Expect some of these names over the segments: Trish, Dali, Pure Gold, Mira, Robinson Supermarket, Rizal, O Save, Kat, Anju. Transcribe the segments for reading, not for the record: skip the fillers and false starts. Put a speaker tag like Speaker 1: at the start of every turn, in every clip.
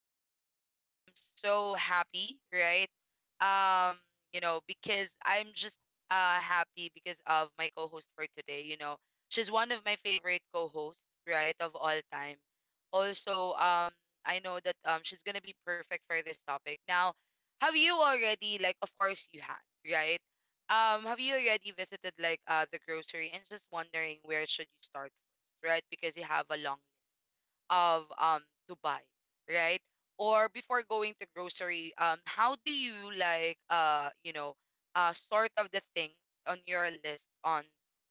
Speaker 1: podcast for today. And I am so happy, right? Um, you know, because I'm just happy because of my co-host for today. You know, she's one of my favorite co-hosts, right, of all time. Also, I know that she's gonna be perfect for this topic. Now, have you already, like, of course you had, right? Have you already visited like the grocery and just wondering where should you start first, right? Because you have a long of Dubai, right? Or before going to grocery, how do you like sort of the things on your list on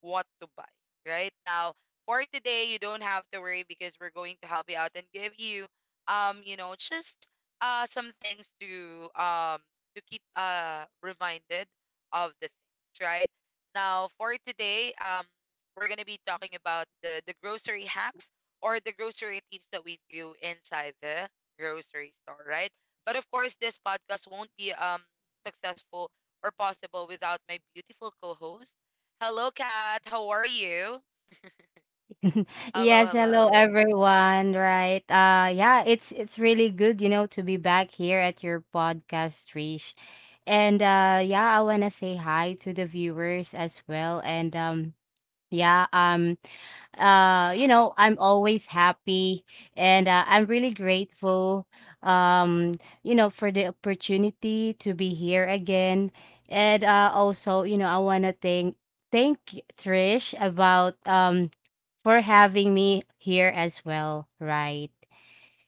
Speaker 1: what to buy, right? Now for today, you don't have to worry because we're going to help you out and give you you know just some things to keep reminded of the things, right? Now for today, we're gonna be talking about the grocery hacks or the grocery tips that we do inside the grocery store, right? But of course, this podcast won't be successful or possible without my beautiful co-host. Hello, Kat. How are you? Hello,
Speaker 2: Yes, hello
Speaker 1: hello.
Speaker 2: everyone. Right. It's really good, you know, to be back here at your podcast, Trish. I wanna say hi to the viewers as well. Yeah, um you know, I'm always happy and I'm really grateful, you know, for the opportunity to be here again. And Also, you know, I wanna thank Trish about for having me here as well, right?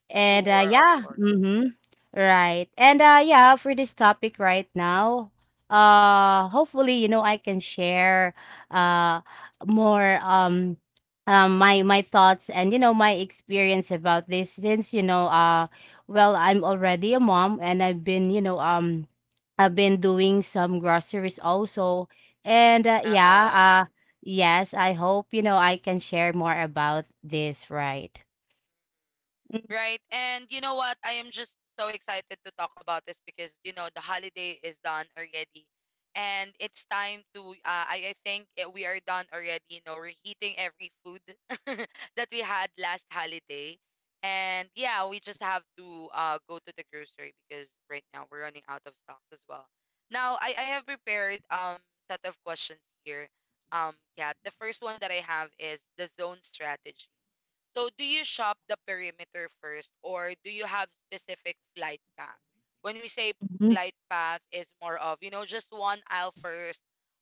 Speaker 2: And, uh,
Speaker 1: Sure, of
Speaker 2: yeah,
Speaker 1: course.
Speaker 2: mhm, right. For this topic right now, hopefully, you know, I can share, uh, more, my thoughts and, you know, my experience about this, since, you know, well, I'm already a mom and I've been, you know, I've been doing some groceries also. And
Speaker 1: Uh-uh.
Speaker 2: yeah Yes, I hope, you know, I can share more about this, right?
Speaker 1: Right. And you know what? I am just so excited to talk about this because, you know, the holiday is done already. And it's time to, I think we are done already, you know, reheating every food that we had last holiday. And yeah, we just have to go to the grocery because right now we're running out of stocks as well. Now, I have prepared set of questions here, Kat. The first one that I have is the zone strategy. So do you shop the perimeter first or do you have specific flight path? When we say
Speaker 2: Mhm.
Speaker 1: flight path is more of, you know, just one aisle first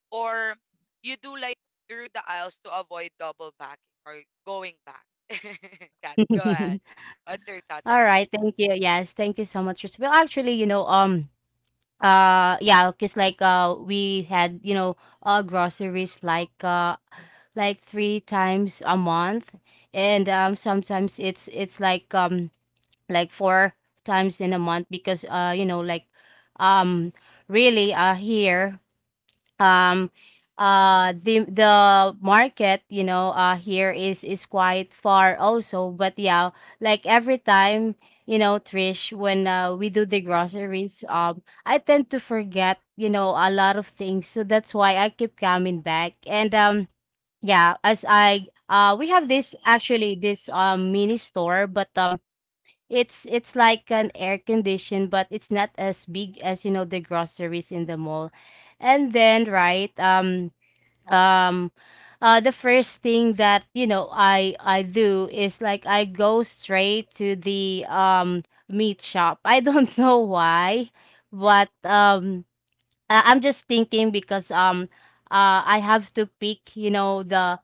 Speaker 1: or you do like through the aisles to avoid double backing or going back. Kat, go ahead. What's your thought on
Speaker 2: All
Speaker 1: this?
Speaker 2: right, thank you. Yes, thank you so much. Well, actually, you know, yeah, cause, like, we had, you know, groceries, like, like three times a month, and, sometimes it's like, like four times in a month, because, you know, like, um, really, here, um the market, you know, here is quite far also. But yeah, like every time, you know, Trish, when, we do the groceries, I tend to forget, you know, a lot of things, so that's why I keep coming back. And yeah As I, we have this, actually, this mini store, but it's like an air condition, but it's not as big as, you know, the groceries in the mall. And then, right, um, the first thing that, you know, I do is like I go straight to the meat shop. I don't know why, but I'm just thinking because I have to pick, you know, the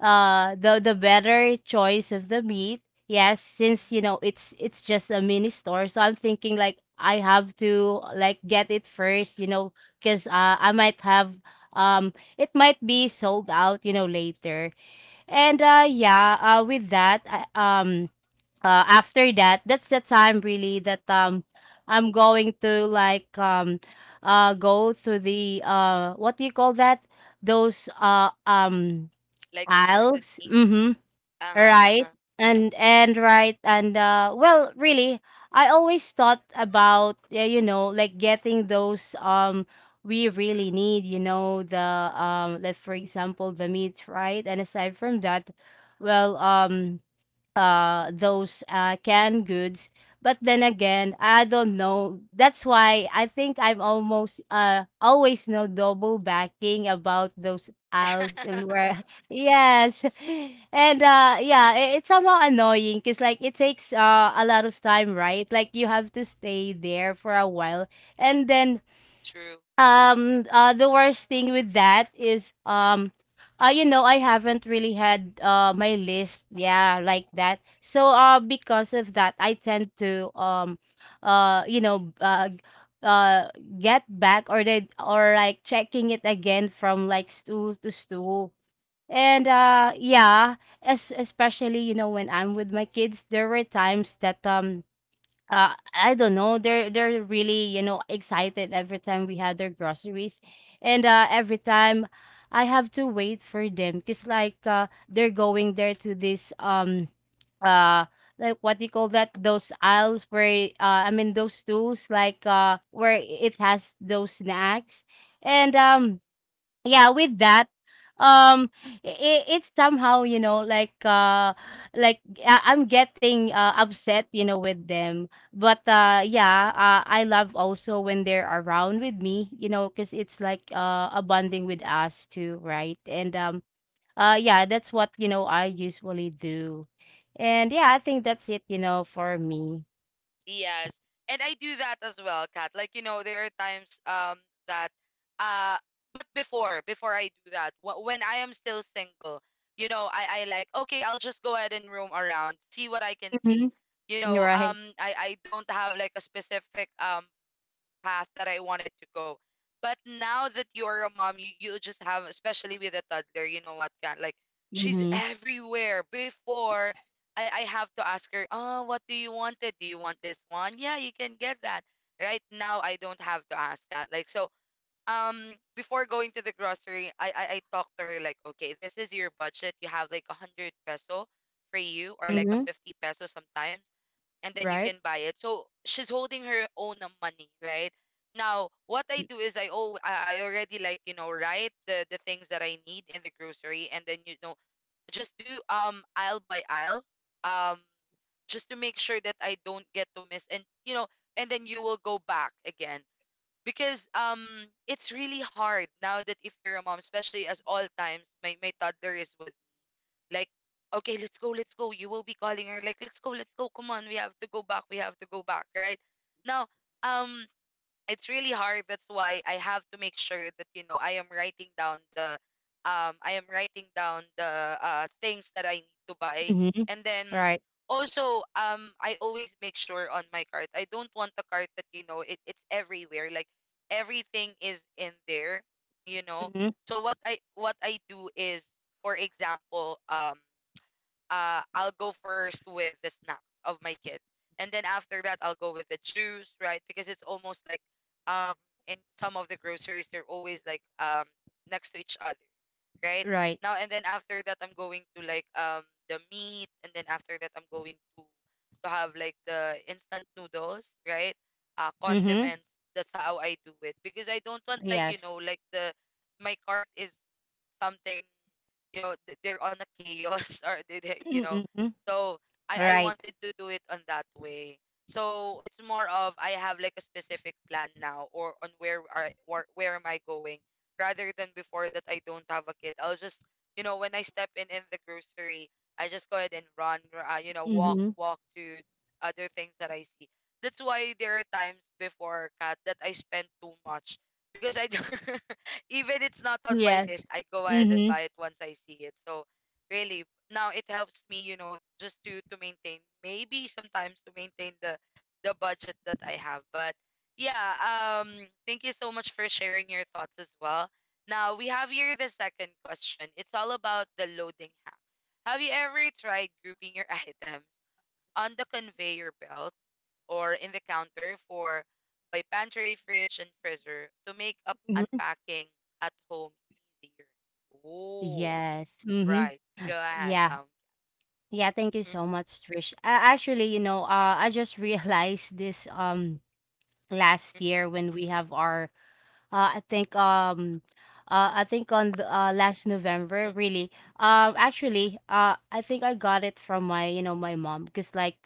Speaker 2: better choice of the meat. Yes, since, you know, it's just a mini store. So I'm thinking like I have to like get it first, you know, because I might have, it might be sold out, you know, later. And with that, um after that, that's the time really that I'm going to like, go to the, what do you call that? Those
Speaker 1: Like the frozen
Speaker 2: aisles.
Speaker 1: meat?
Speaker 2: Mm-hmm.
Speaker 1: Uh-huh,
Speaker 2: Right.
Speaker 1: uh-uh.
Speaker 2: And right and Well, really, I always thought about, yeah, you know, like getting those, we really need, you know, the, like for example the meat, right? And aside from that, well um those canned goods. But then again, I don't know, that's why I think I'm almost, always no double backing about those aisles and
Speaker 1: Mm-mm.
Speaker 2: where. Yes. It's somehow annoying because like it takes, a lot of time, right? Like you have to stay there for a while, and then
Speaker 1: True.
Speaker 2: the worst thing with that is, you know, I haven't really had, my list, yeah, like that. So, because of that I tend to, you know, uh get back, or the, or like checking it again from like stool to stool. And yeah es- especially, you know, when I'm with my kids, there were times that, I don't know. They're really, you know, excited every time we had their groceries, and, every time I have to wait for them, because like they're going there to this uh like, what do you call that, those aisles where, I mean, those stools, like where it has those snacks. And yeah with that um it, it's somehow, you know, like, I'm getting, upset, you know, with them. But I love also when they're around with me, you know, because it's like, a bonding with us too, right? and Yeah, that's what, you know, I usually do. And yeah, I think that's it, you know, for me.
Speaker 1: Yes. And I do that as well, Kat. Like, you know, there are times that uh but before I do that, when I am still single, you know, I like, okay, I'll just go ahead and roam around, see what I can see.
Speaker 2: Mm-hmm.
Speaker 1: You know,
Speaker 2: Right.
Speaker 1: I don't have like a specific path that I wanted to go. But now that you're a mom, you just have, especially with a toddler, you know what, can like she's
Speaker 2: Mm-hmm.
Speaker 1: everywhere. Before I have to ask her, oh, what do you want it? Do you want this one? Yeah, you can get that. Right now, I don't have to ask that. Like so, before going to the grocery, I talk to her like, okay, this is your budget. You have like a 100 peso for you or like a
Speaker 2: Mm-hmm.
Speaker 1: 50 peso sometimes and then you
Speaker 2: right
Speaker 1: can buy it. So she's holding her own money, right? Now, what I do is I oh I already like you know write the things that I need in the grocery, and then you know just do aisle by aisle, um just to make sure that I don't get to miss, and you know, and then you will go back again because it's really hard now that if you're a mom, especially as all times my toddler is with like, okay, let's go, let's go. You will be calling her like, let's go, let's go. Come on, we have to go back. We have to go back, right? Now, um, it's really hard. That's why I have to make sure that you know I am writing down the, I am writing down the things that I need to buy,
Speaker 2: mm-hmm.
Speaker 1: and then
Speaker 2: Right.
Speaker 1: also I always make sure on my cart. I don't want a cart that you know it, it's everywhere. Like everything is in there, you know.
Speaker 2: Mm-hmm.
Speaker 1: So what I do is, for example, I'll go first with the snacks of my kid, and then after that, I'll go with the juice, right? Because it's almost like um in some of the groceries, they're always like next to each other, right?
Speaker 2: Right.
Speaker 1: Now and then after that, I'm going to the meat, and then after that, I'm going to have like the instant noodles, right?
Speaker 2: Mm-hmm.
Speaker 1: Condiments. That's how I do it because I don't want like you
Speaker 2: Yes.
Speaker 1: know like the my cart is something you know they're on a chaos or they you know
Speaker 2: Mm-mm.
Speaker 1: so I
Speaker 2: Right.
Speaker 1: wanted to do it on that way so it's more of I have like a specific plan now or on where I where am I going rather than before that I don't have a kid I'll just you know when I step in the grocery I just go ahead and run you know walk
Speaker 2: Mhm.
Speaker 1: walk to other things that I see that's why there are times before cat that I spend too much because I don't even it's not on my
Speaker 2: Yes.
Speaker 1: list, I go ahead and
Speaker 2: Mhm.
Speaker 1: buy it once I see it. So really, now it helps me, you know, just to maintain maybe sometimes to maintain the budget that I have. But yeah, thank you so much for sharing your thoughts as well. Now we have here the second question. It's all about the loading hack. Have you ever tried grouping your items on the conveyor belt? Or in the counter for by pantry, fridge, and freezer to make up
Speaker 2: Mhm.
Speaker 1: unpacking at home easier. Oh,
Speaker 2: Yes. Mhm.
Speaker 1: right. Go ahead.
Speaker 2: Yeah. Yeah, thank you
Speaker 1: Mm,
Speaker 2: so much, Trish. Actually, you know, I just realized this last
Speaker 1: mm,
Speaker 2: year when we have our, uh I think um I think on the, last November,
Speaker 1: mm, mm,
Speaker 2: really. Actually, I think I got it from my, you know, my mom, because like,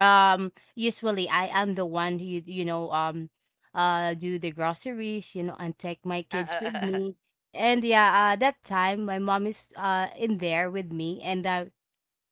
Speaker 2: usually I am the one who, do the groceries, you know, and take my kids with
Speaker 1: uh,
Speaker 2: me. And yeah That time my mom is, in there with me, and,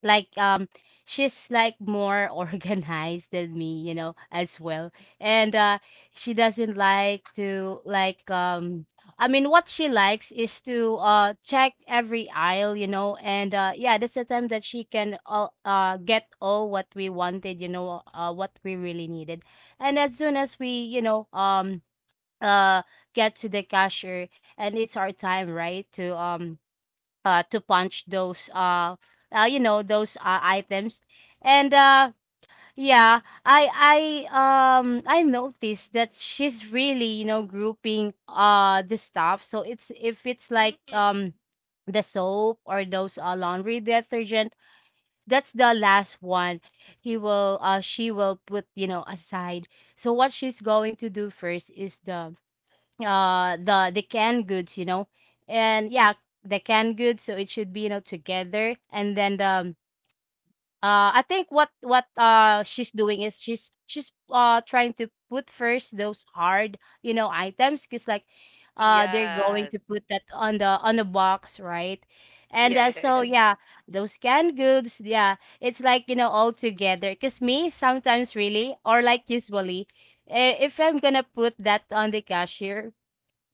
Speaker 2: like um she's like more organized than me, you know, as well. And She doesn't like to like, I mean, what she likes is to, check every aisle, you know. And yeah That's the time that she can, get all what we wanted, you know, what we really needed. And as soon as we, you know, uh get to the cashier and it's our time, right, to, to punch those, you know, those, items. And yeah I I noticed that she's really, you know, grouping, the stuff. So it's, if it's
Speaker 1: mm,
Speaker 2: like,
Speaker 1: mm.
Speaker 2: the soap, or those, laundry detergent, that's the last one he will she will put, you know, aside. So what she's going to do first is the, the canned goods, you know. And yeah The canned goods, so it should be, you know, together. And then, I think what she's doing is she's trying to put first those hard, you know, items, because like they're going
Speaker 1: Yes.
Speaker 2: to put that on the, on the box, right? and
Speaker 1: Yeah, yeah,
Speaker 2: So
Speaker 1: yeah.
Speaker 2: yeah, those canned goods, yeah, it's like, you know, all together. Because me sometimes really, or like usually, eh, if I'm gonna put that on the cashier,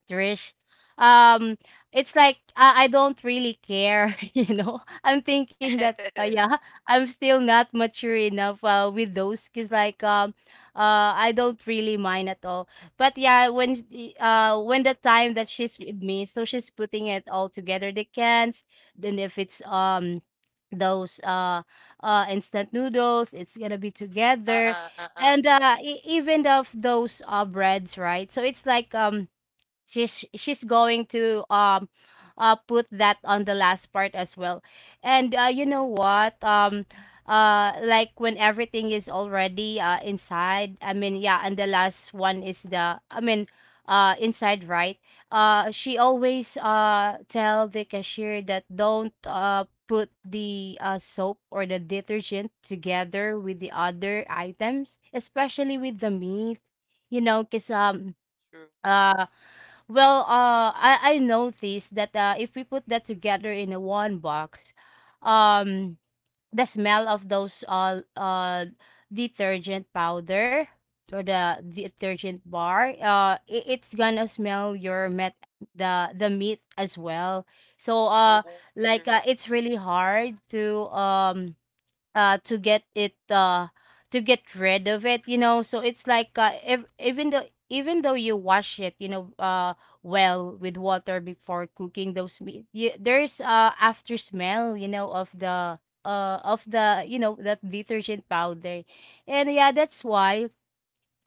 Speaker 2: Trish. Um, it's like I don't really care, you know. I'm thinking that, yeah, I'm still not mature enough, with those, because like, I don't really mind at all. But yeah, when when the time that she's with me, so she's putting it all together, the cans. Then if it's, those instant noodles, it's gonna be
Speaker 1: uh,
Speaker 2: together.
Speaker 1: uh, uh, uh.
Speaker 2: And even of those, breads, right? So it's like, she's going to, put that on the last part as well. And, you know what, like when everything is already, inside, I mean, yeah, and the last one is the, I mean, inside, right? She always, tell the cashier that, don't, put the, soap or the detergent together with the other items, especially with the meat, you know, because
Speaker 1: True.
Speaker 2: uh well, I noticed that, if we put that together in a one box, um, the smell of those, detergent powder, or the detergent bar, it's gonna smell your met, the meat as well. So,
Speaker 1: Oh, oh, true.
Speaker 2: it's really hard to, to get it, to get rid of it, you know. So it's like, even though, you wash it, you know, well, with water before cooking those meat, you, there's, after smell, you know, of the, of the, you know, that detergent powder. And yeah, that's why,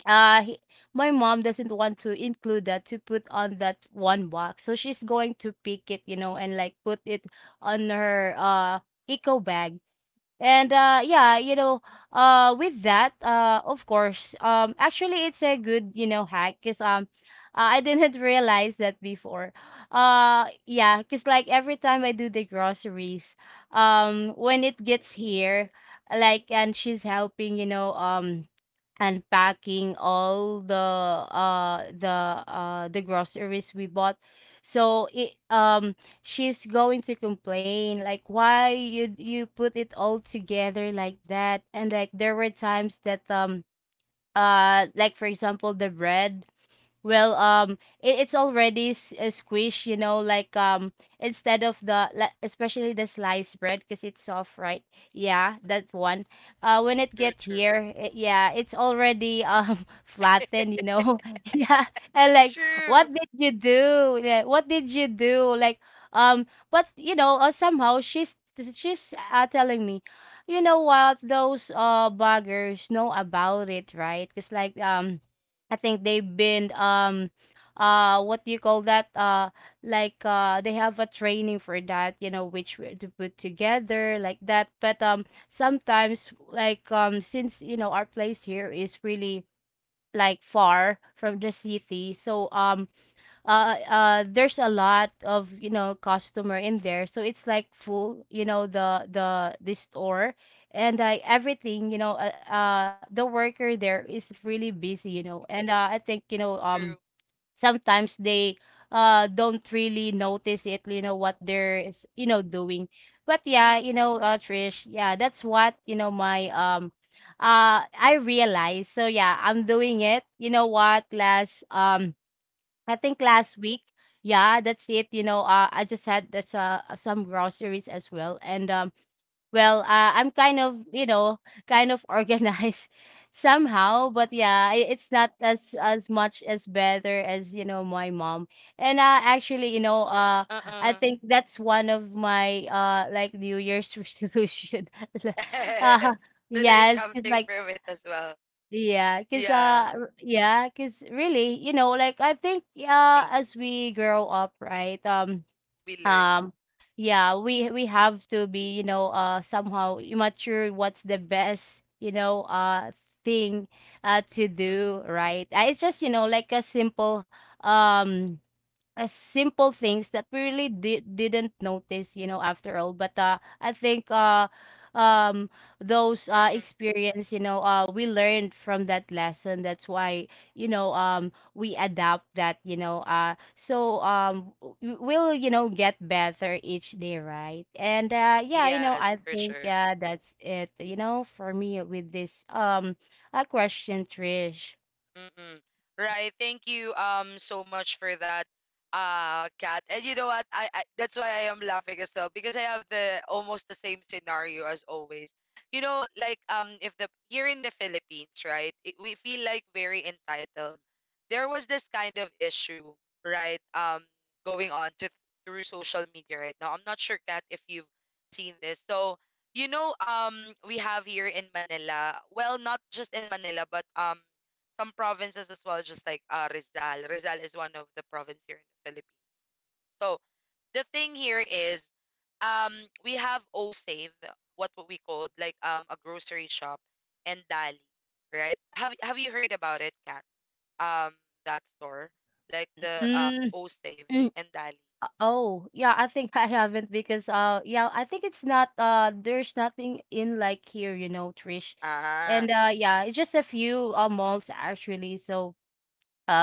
Speaker 2: uh he, my mom doesn't want to include that, to put on that one box. So she's going to pick it, you know, and like put it on her, eco bag. You know, with that, of course, actually it's a good, you know, hack, cuz, I didn't realize that before. Yeah, cuz like every time I do the groceries, when it gets here, like and she's helping, and packing all the uh the the groceries we bought. So it She's going to complain like why you put it all together like that. And like there were times that like for example the bread, well um it's already squished, you know, like instead of the like, especially the sliced bread because it's soft, right? Yeah, that one. When it
Speaker 1: True,
Speaker 2: get
Speaker 1: true.
Speaker 2: here, yeah, it's already flattened, you know, yeah. And like what
Speaker 1: True.
Speaker 2: did you do, yeah, what did you do, like. um but you know, somehow she's telling me, you know what, those buggers know about it, right? Because like I think they've been what do you call that, they have a training for that, you know, which we to put together like that. But sometimes like since you know our place here is really like far from the city. So there's a lot of, you know, customer in there, so it's like full, you know, the the store. And everything, you know, the worker there is really busy, you know, and I think you know
Speaker 1: True.
Speaker 2: sometimes they don't really notice it, you know what they're is, you know, doing. But yeah,
Speaker 1: Mm,
Speaker 2: you know, Trish, yeah, that's what, you know, my I realized. So yeah, I'm doing it, you know what, last I think last week, yeah, that's it. You know, I just had that's some groceries as well, and well, uh, I'm kind of, you know, kind of organized somehow, but yeah, it's not as as much as better as, you know, my mom. And actually, you know, I
Speaker 1: uh-uh.
Speaker 2: think that's one of my like New Year's resolution. uh,
Speaker 1: to learn
Speaker 2: yes, it's
Speaker 1: something
Speaker 2: like
Speaker 1: from it as well.
Speaker 2: yeah, cause
Speaker 1: Yeah.
Speaker 2: yeah, cause really, you know, like I think yeah,
Speaker 1: Think
Speaker 2: as we grow up, right?
Speaker 1: we learn.
Speaker 2: Um yeah, we have to be, you know, somehow immature, what's the best, you know, thing to do, right? It's just, you know, like a simple um as simple things that we really didn't notice, you know, after all. But I think um those
Speaker 1: Mm-mm.
Speaker 2: experience, you know, we learned from that lesson, that's why, you know, we adapt that, you know,
Speaker 1: Mm,
Speaker 2: we'll, you know, get better each day, right? And yeah, you know,
Speaker 1: Yes,
Speaker 2: I
Speaker 1: for
Speaker 2: think
Speaker 1: sure.
Speaker 2: yeah, that's it, you know, for me with this a question, Trish.
Speaker 1: Mm-mm. Right. Thank you so much for that, Kat. And you know what? I that's why I am laughing as well because I have the almost the same scenario as always. You know, like if the here in the Philippines, right, it, we feel like very entitled. There was this kind of issue, right? Going on to through social media right now. I'm not sure, Kat, if you've seen this. So you know, we have here in Manila. Well, not just in Manila, but some provinces as well, just like Rizal. Rizal is one of the province here in the Philippines. So the thing here is, um, we have O Save, what we called like a grocery shop, and Dali, right? Have you heard about it, Kat? Um, that store, like the O Save
Speaker 2: Mm.
Speaker 1: and Dali.
Speaker 2: Oh, yeah, I think I haven't because yeah, I think it's not there's nothing in like here, you know, Trish.
Speaker 1: Ah,
Speaker 2: And yeah, it's just a few malls actually. So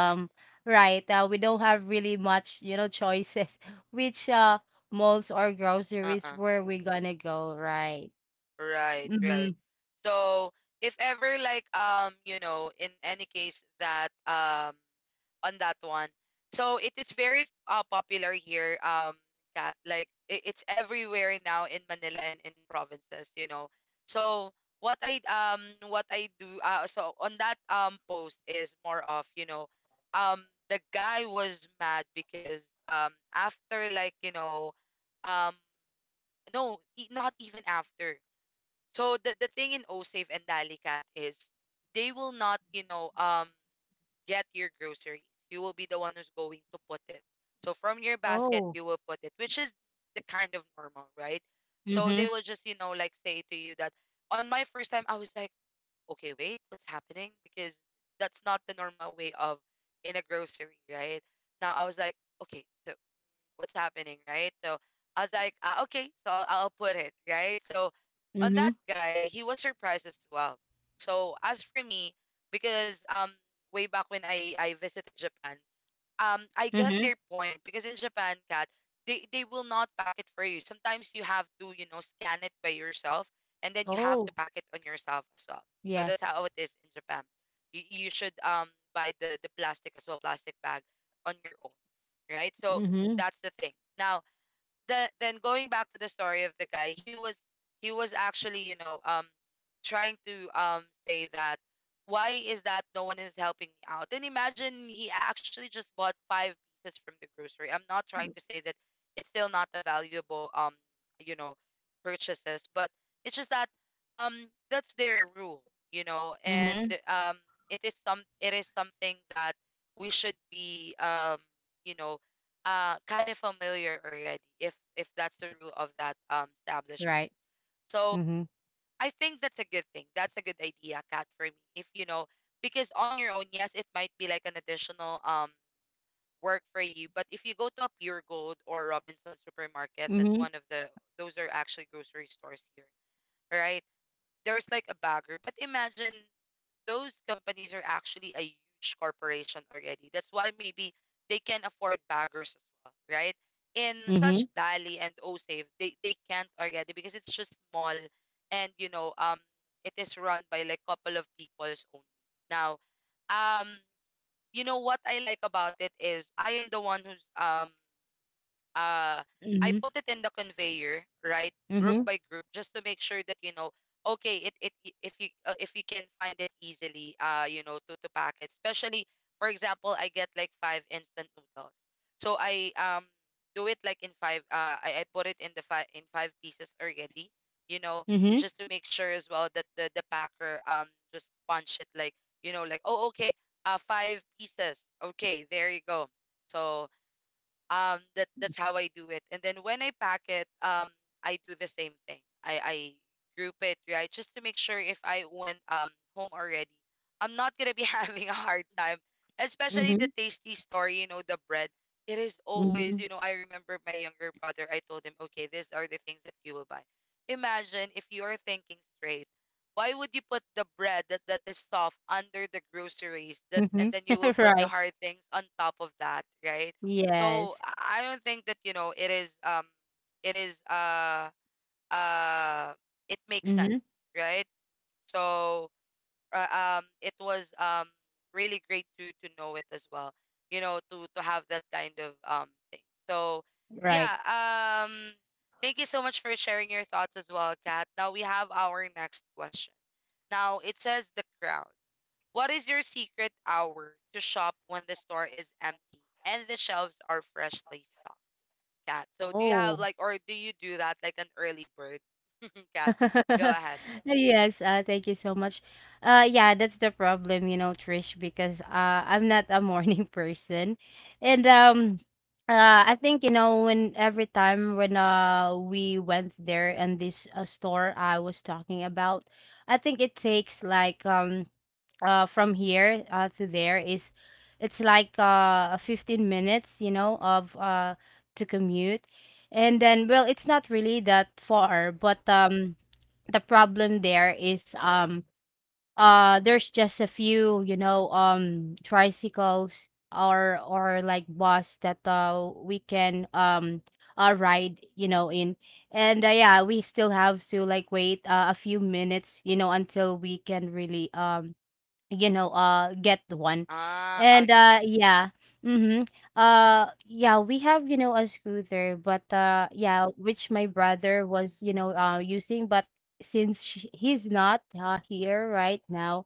Speaker 1: mm,
Speaker 2: right, we don't have really much, you know, choices which malls or groceries
Speaker 1: uh-uh.
Speaker 2: where we're gonna go, right?
Speaker 1: Right,
Speaker 2: Mm-hmm.
Speaker 1: right. So if ever like you know in any case that on that one. So it is very popular here, Kat. Like it, it's everywhere now in Manila and in provinces, you know. So what I um what I do so on that post is more of you know, um the guy was mad because after like you know, um no not even after. So the thing in Osave and Dalicat is they will not you know get your groceries. You will be the one who's going to put it. So from your basket,
Speaker 2: Oh.
Speaker 1: you will put it, which is the kind of normal, right? So
Speaker 2: Mm-hmm.
Speaker 1: they will just, you know, like say to you that on my first time, I was like, okay, wait, what's happening? Because that's not the normal way of in a grocery, right? Now I was like, okay, so what's happening, right? So I was like, okay, so I'll put it, right? So on
Speaker 2: Mm-hmm.
Speaker 1: that guy, he was surprised as well. So as for me, because way back when I visited Japan, I get
Speaker 2: Mm-hmm.
Speaker 1: their point because in Japan, cat, they will not pack it for you. Sometimes you have to, you know, scan it by yourself and then you have to
Speaker 2: Oh,
Speaker 1: pack it on yourself as well. So
Speaker 2: yes.
Speaker 1: that's how it is in Japan. You should buy the plastic as well, plastic bag on your own, right? So
Speaker 2: Mm-hmm.
Speaker 1: that's the thing. Now, the then going back to the story of the guy, he was actually, you know, trying to say that why is that no one is helping me out? And imagine he actually just bought five pieces from the grocery. I'm not trying to say that it's still not a valuable you know, purchases, but it's just that that's their rule, you know. And
Speaker 2: Mm-hmm.
Speaker 1: um it is something that we should be you know, kind of familiar already if that's the rule of that establishment.
Speaker 2: Right.
Speaker 1: So
Speaker 2: Mm-hmm.
Speaker 1: I think that's a good thing, that's a good idea, Kat. For me, if you know, because on your own, yes, it might be like an additional work for you, but if you go to a Pure Gold or Robinson Supermarket, that's
Speaker 2: Mm-hmm.
Speaker 1: one of the those are actually grocery stores here, right? There's like a bagger, but imagine those companies are actually a huge corporation already. That's why maybe they can afford baggers as well, right? In
Speaker 2: Mm-hmm.
Speaker 1: such Dali and OSAFE, they can't already because it's just small. And you know, it is run by like couple of people's only. Now, um, you know what I like about it is I am the one who's uh I
Speaker 2: Mm-hmm.
Speaker 1: put it in the conveyor, right? Group
Speaker 2: Mm-hmm.
Speaker 1: by group just to make sure that you know okay, if you can find it easily, uh, you know, to pack it. Especially for example, I get like 5 instant noodles. So I do it like in 5 I put it in the five in 5 pieces already, you know,
Speaker 2: Mm-hmm.
Speaker 1: just to make sure as well that the packer just punch it like, you know, like oh okay, 5 pieces. Okay, there you go. So that's how I do it. And then when I pack it, I do the same thing. I group it, right, just to make sure if I went home already, I'm not gonna be having a hard time. Especially the
Speaker 2: Mhm,
Speaker 1: Tasty store, you know, the bread. It is always, you
Speaker 2: mhm,
Speaker 1: know, I remember my younger brother. I told him, okay, these are the things that you will buy. Imagine if you are thinking straight. Why would you put the bread that is soft under the groceries that and
Speaker 2: mhm.
Speaker 1: then you will put the
Speaker 2: Right.
Speaker 1: hard things on top of that, right? So
Speaker 2: Yes.
Speaker 1: I don't think that you know it is it is uh uh it makes sense,
Speaker 2: Mhm.
Speaker 1: right? So it was really great to know it as well, you know, to have that kind of thing. So
Speaker 2: Right.
Speaker 1: yeah, thank you so much for sharing your thoughts as well, Kat. Now we have our next question. Now it says the crowds. What is your secret hour to shop when the store is empty and the shelves are freshly stocked? Cat. So do you have
Speaker 2: Oh.
Speaker 1: like, or do you do that like an early bird? Cat, go ahead.
Speaker 2: Yes, thank you so much. Yeah, that's the problem, you know, Trish, because I'm not a morning person, and I think you know when every time when we went there, and this store I was talking about, I think it takes like from here to there is it's like 15 minutes, you know, of to commute. And then well it's not really that far, but the problem there is there's just a few, you know, tricycles or like bus that we can ride, you know, in. And yeah, we still have to like wait a few minutes, you know, until we can really you know get one.
Speaker 1: Ah,
Speaker 2: And
Speaker 1: okay.
Speaker 2: yeah. Mm-hmm. Yeah, we have, you know, a scooter, but yeah, which my brother was, you know, using. But since sh he's not here right now,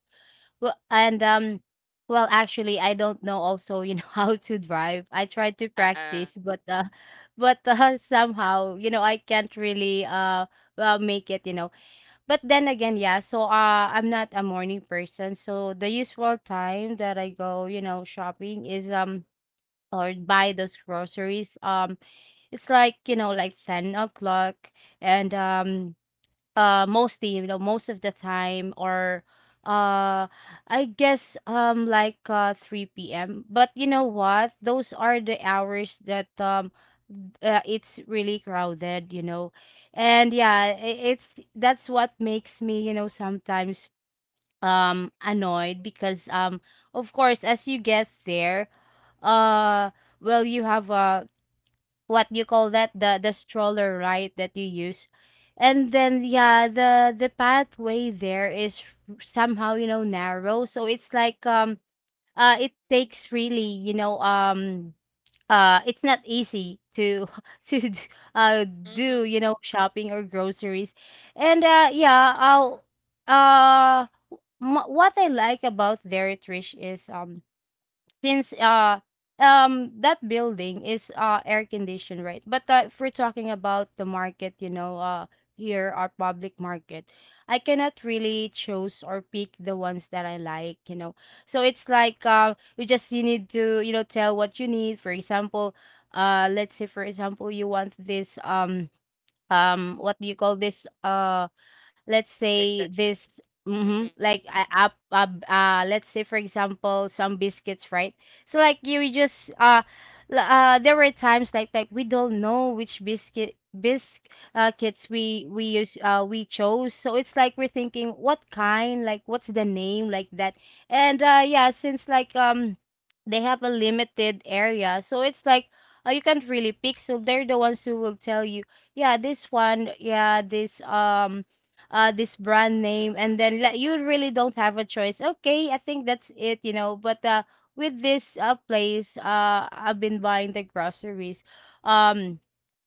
Speaker 2: well and um well actually I don't know also, you know, how to drive. I tried to
Speaker 1: Uh-uh.
Speaker 2: practice, but somehow, you know, I can't really well make it, you know. But then again, yeah, so I'm not a morning person. So the usual time that I go, you know, shopping is or buy those groceries. It's like, you know, like 10 o'clock, and mostly, you know, most of the time, or uh I guess like 3 p.m. But you know what, those are the hours that it's really crowded, you know. And yeah, it's that's what makes me, you know, sometimes annoyed, because of course as you get there, uh you have what you call that, the stroller, right, that you use. And then yeah, the pathway there is somehow, you know, narrow, so it's like it takes really, you know, it's not easy to to d- uh
Speaker 1: Mm-mm.
Speaker 2: do, you know, shopping or groceries. And yeah, I'll uh what I like about there, Trish, is since that building is air conditioned, right? But if we're talking about the market, you know, here our public market, I cannot really choose or pick the ones that I like, you know. So it's like you just you need to, you know, tell what you need. For example, let's say for example you want this what do you call this? Let's
Speaker 1: Like
Speaker 2: say
Speaker 1: that.
Speaker 2: this. Mm-hmm.
Speaker 1: Mm-mm.
Speaker 2: Like let's say for example, some biscuits, right? So like you we just there were times like we don't know which biscuit bisc kits we use we chose. So it's like we're thinking what kind, like what's the name, like that. And yeah, since like they have a limited area, so it's like you can't really pick. So they're the ones who will tell you, yeah, this one, yeah, this this brand
Speaker 1: Mm-mm.
Speaker 2: name. And then like you really don't have a choice, okay, I think that's it, you know. But with this place I've been buying the groceries, um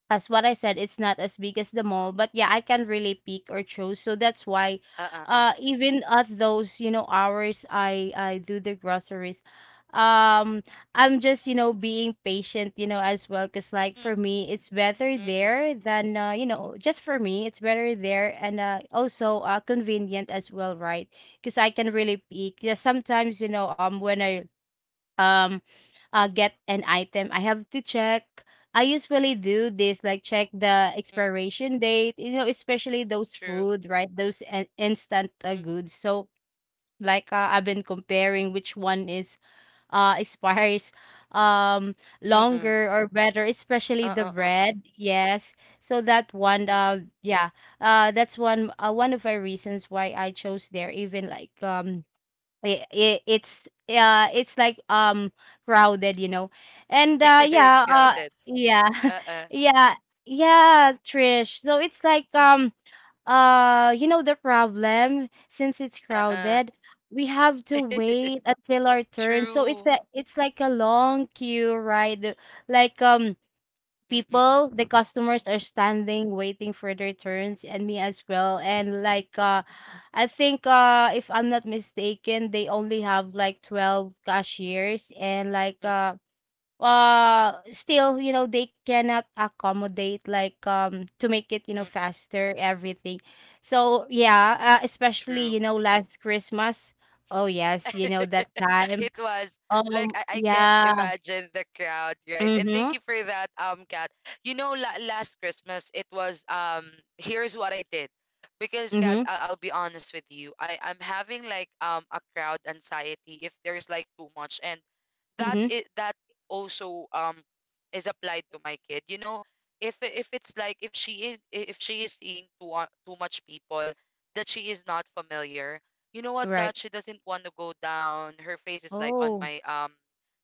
Speaker 2: as what I said, it's not as big as the mall, but yeah, I can really pick or choose. So that's why,
Speaker 1: Uh-uh. Uh-uh.
Speaker 2: even at those, you know, hours, I do the groceries. Um, I'm just, you know, being patient, you know, as well, cause like
Speaker 1: Mm.
Speaker 2: for me, it's better
Speaker 1: Mm-mm.
Speaker 2: there than you know, just for me, it's better there. And also convenient as well, right? Cause I can really pick. Yeah, sometimes, you know, when I um get an item, I have to check. I usually do this like check the
Speaker 1: Mm-mm.
Speaker 2: expiration date, you know, especially those
Speaker 1: True.
Speaker 2: food, right, those instant
Speaker 1: Mm.
Speaker 2: goods. So like I've been comparing which one is expires um
Speaker 1: Mm-mm.
Speaker 2: longer or better, especially the
Speaker 1: Uh-uh. Uh-uh.
Speaker 2: bread, yes. So that one,
Speaker 1: Mm-mm.
Speaker 2: that's one, one of my reasons why I chose there, even like it's like crowded, you know. And
Speaker 1: It's crowded.
Speaker 2: yeah.
Speaker 1: Uh-uh.
Speaker 2: Yeah. Yeah, Trish, so it's like
Speaker 1: Mm-mm.
Speaker 2: you know the problem since it's
Speaker 1: Uh-uh.
Speaker 2: crowded, we have to wait until our turn. So it's
Speaker 1: True.
Speaker 2: a it's like a long queue, right? Like people,
Speaker 1: Mm-mm.
Speaker 2: the customers are standing waiting for their turns, and me as well. And like I think if I'm not mistaken, they only have like 12 cashiers. And like
Speaker 1: Mm-mm.
Speaker 2: still, you know, they cannot accommodate like to make it, you know,
Speaker 1: Mm-mm.
Speaker 2: faster, everything. So yeah, especially,
Speaker 1: True.
Speaker 2: you know, last Christmas. Oh yes, you know, that
Speaker 1: It
Speaker 2: time.
Speaker 1: was like, I can't
Speaker 2: Yeah.
Speaker 1: imagine the crowd, right? And
Speaker 2: Mm-hmm.
Speaker 1: thank you for that, Kat. You know, last Christmas it was. Here's what I did, because Kat,
Speaker 2: Mm-hmm.
Speaker 1: I'll be honest with you, I'm having like a crowd anxiety if there's like too much, and that
Speaker 2: Mm-hmm.
Speaker 1: is that also is applied to my kid, you know. If if it's like, if she is, if she is seeing too much people that she is not familiar. You know what, god,
Speaker 2: Right.
Speaker 1: she doesn't want to go down, her face is like on
Speaker 2: Oh.
Speaker 1: my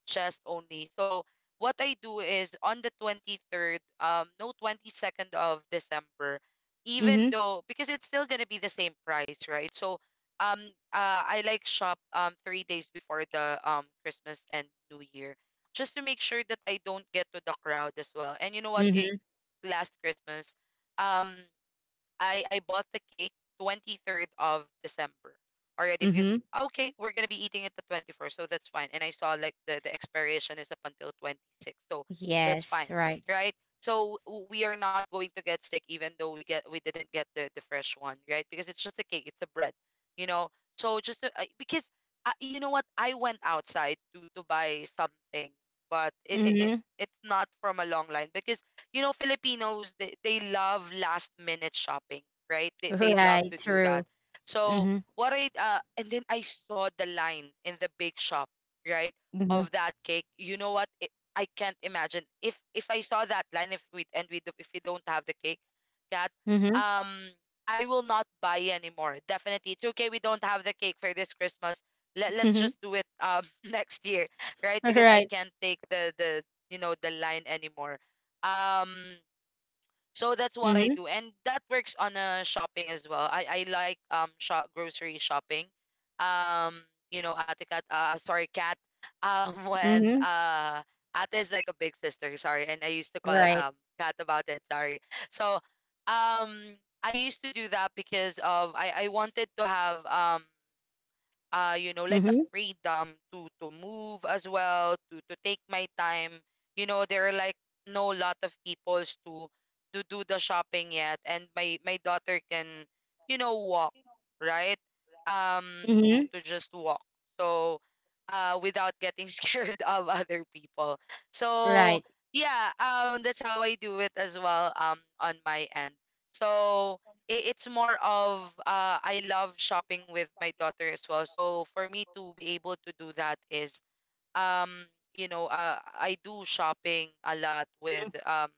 Speaker 1: chest only. So what I do is on the 23rd, no, 22nd of December, even
Speaker 2: Mhm,
Speaker 1: though, because it's still going to be the same price, right? So um I like shop 3 days before the Christmas and New Year, just to make sure that I don't get to the crowd as well. And you know what? It,
Speaker 2: mhm,
Speaker 1: last Christmas, um I bought the cake 23rd of December already because
Speaker 2: mhm.
Speaker 1: okay, we're gonna be eating it the 21st, so that's fine. And I saw like the expiration is up until 26, so that's fine,
Speaker 2: Yes, right.
Speaker 1: right? So we are not going to get sick even though we didn't get the fresh one, right? Because it's just a cake, it's a bread, you know. So just because you know what, I went outside to buy something, but it
Speaker 2: Mhm.
Speaker 1: it's not from a long line because you know Filipinos they love last minute shopping, right? They they love
Speaker 2: Right,
Speaker 1: to do that.
Speaker 2: true.
Speaker 1: So
Speaker 2: Mhm,
Speaker 1: what I and then I saw the line in the bake shop, right,
Speaker 2: mhm,
Speaker 1: of that cake. You know what it, I can't imagine if I saw that line, if we and we do, if we don't have the cake that
Speaker 2: mhm,
Speaker 1: um, I will not buy anymore. Definitely it's okay, we don't have the cake for this Christmas. Let's
Speaker 2: mhm.
Speaker 1: just do it next year, right? Because I
Speaker 2: Right.
Speaker 1: can't take the, you know, the line anymore. um so that's what I
Speaker 2: Mhm,
Speaker 1: do. And that works on shopping as well. I like shop grocery shopping, um you know, ate Cat, uh, sorry, Cat, um, when
Speaker 2: mhm.
Speaker 1: uh, ate is like a big sister, sorry, and I used to call
Speaker 2: Right.
Speaker 1: Cat about it, sorry. So um I used to do that because of I wanted to have you know, like a
Speaker 2: Mhm.
Speaker 1: freedom to move as well, to take my time. You know, there are like no lot of peoples to do the shopping yet, and my daughter can, you know, walk, right,
Speaker 2: Mhm.
Speaker 1: to just walk. So uh, without getting scared of other people.
Speaker 2: Right.
Speaker 1: So yeah, that's how I do it as well, on my end. So it's more of I love shopping with my daughter as well. So for me to be able to do that is um, you know I do shopping a lot
Speaker 2: Mm.
Speaker 1: with um,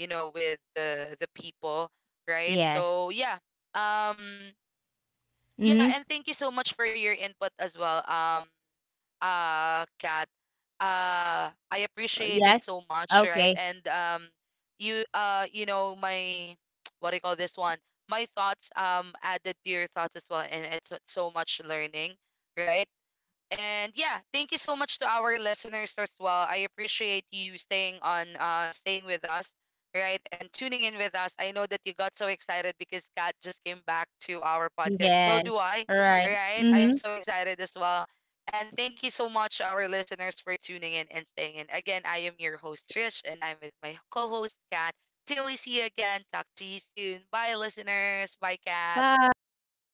Speaker 1: you know, with the people, right.
Speaker 2: Yes.
Speaker 1: So yeah, um yeah,
Speaker 2: Mhm.
Speaker 1: and thank you so much for your input as well. Kat, uh, I appreciate it
Speaker 2: Yes.
Speaker 1: so much, right?
Speaker 2: Okay.
Speaker 1: And um, you uh, you know my what do you call this one? My thoughts added to your thoughts as well, and it's so so much learning, right? And yeah, thank you so much to our listeners as well. I appreciate you staying on, uh, staying with us, right? And tuning in with us. I know that you got so excited because Kat just came back to our podcast. So
Speaker 2: Yes.
Speaker 1: do I,
Speaker 2: All right.
Speaker 1: right? I am
Speaker 2: Mhm.
Speaker 1: so excited as well. And thank you so much our listeners for tuning in and staying in. Again, I am your host Trish and I'm with my co-host Kat. Till we see you again, talk to you soon. Bye listeners. Bye Kat.
Speaker 2: Bye.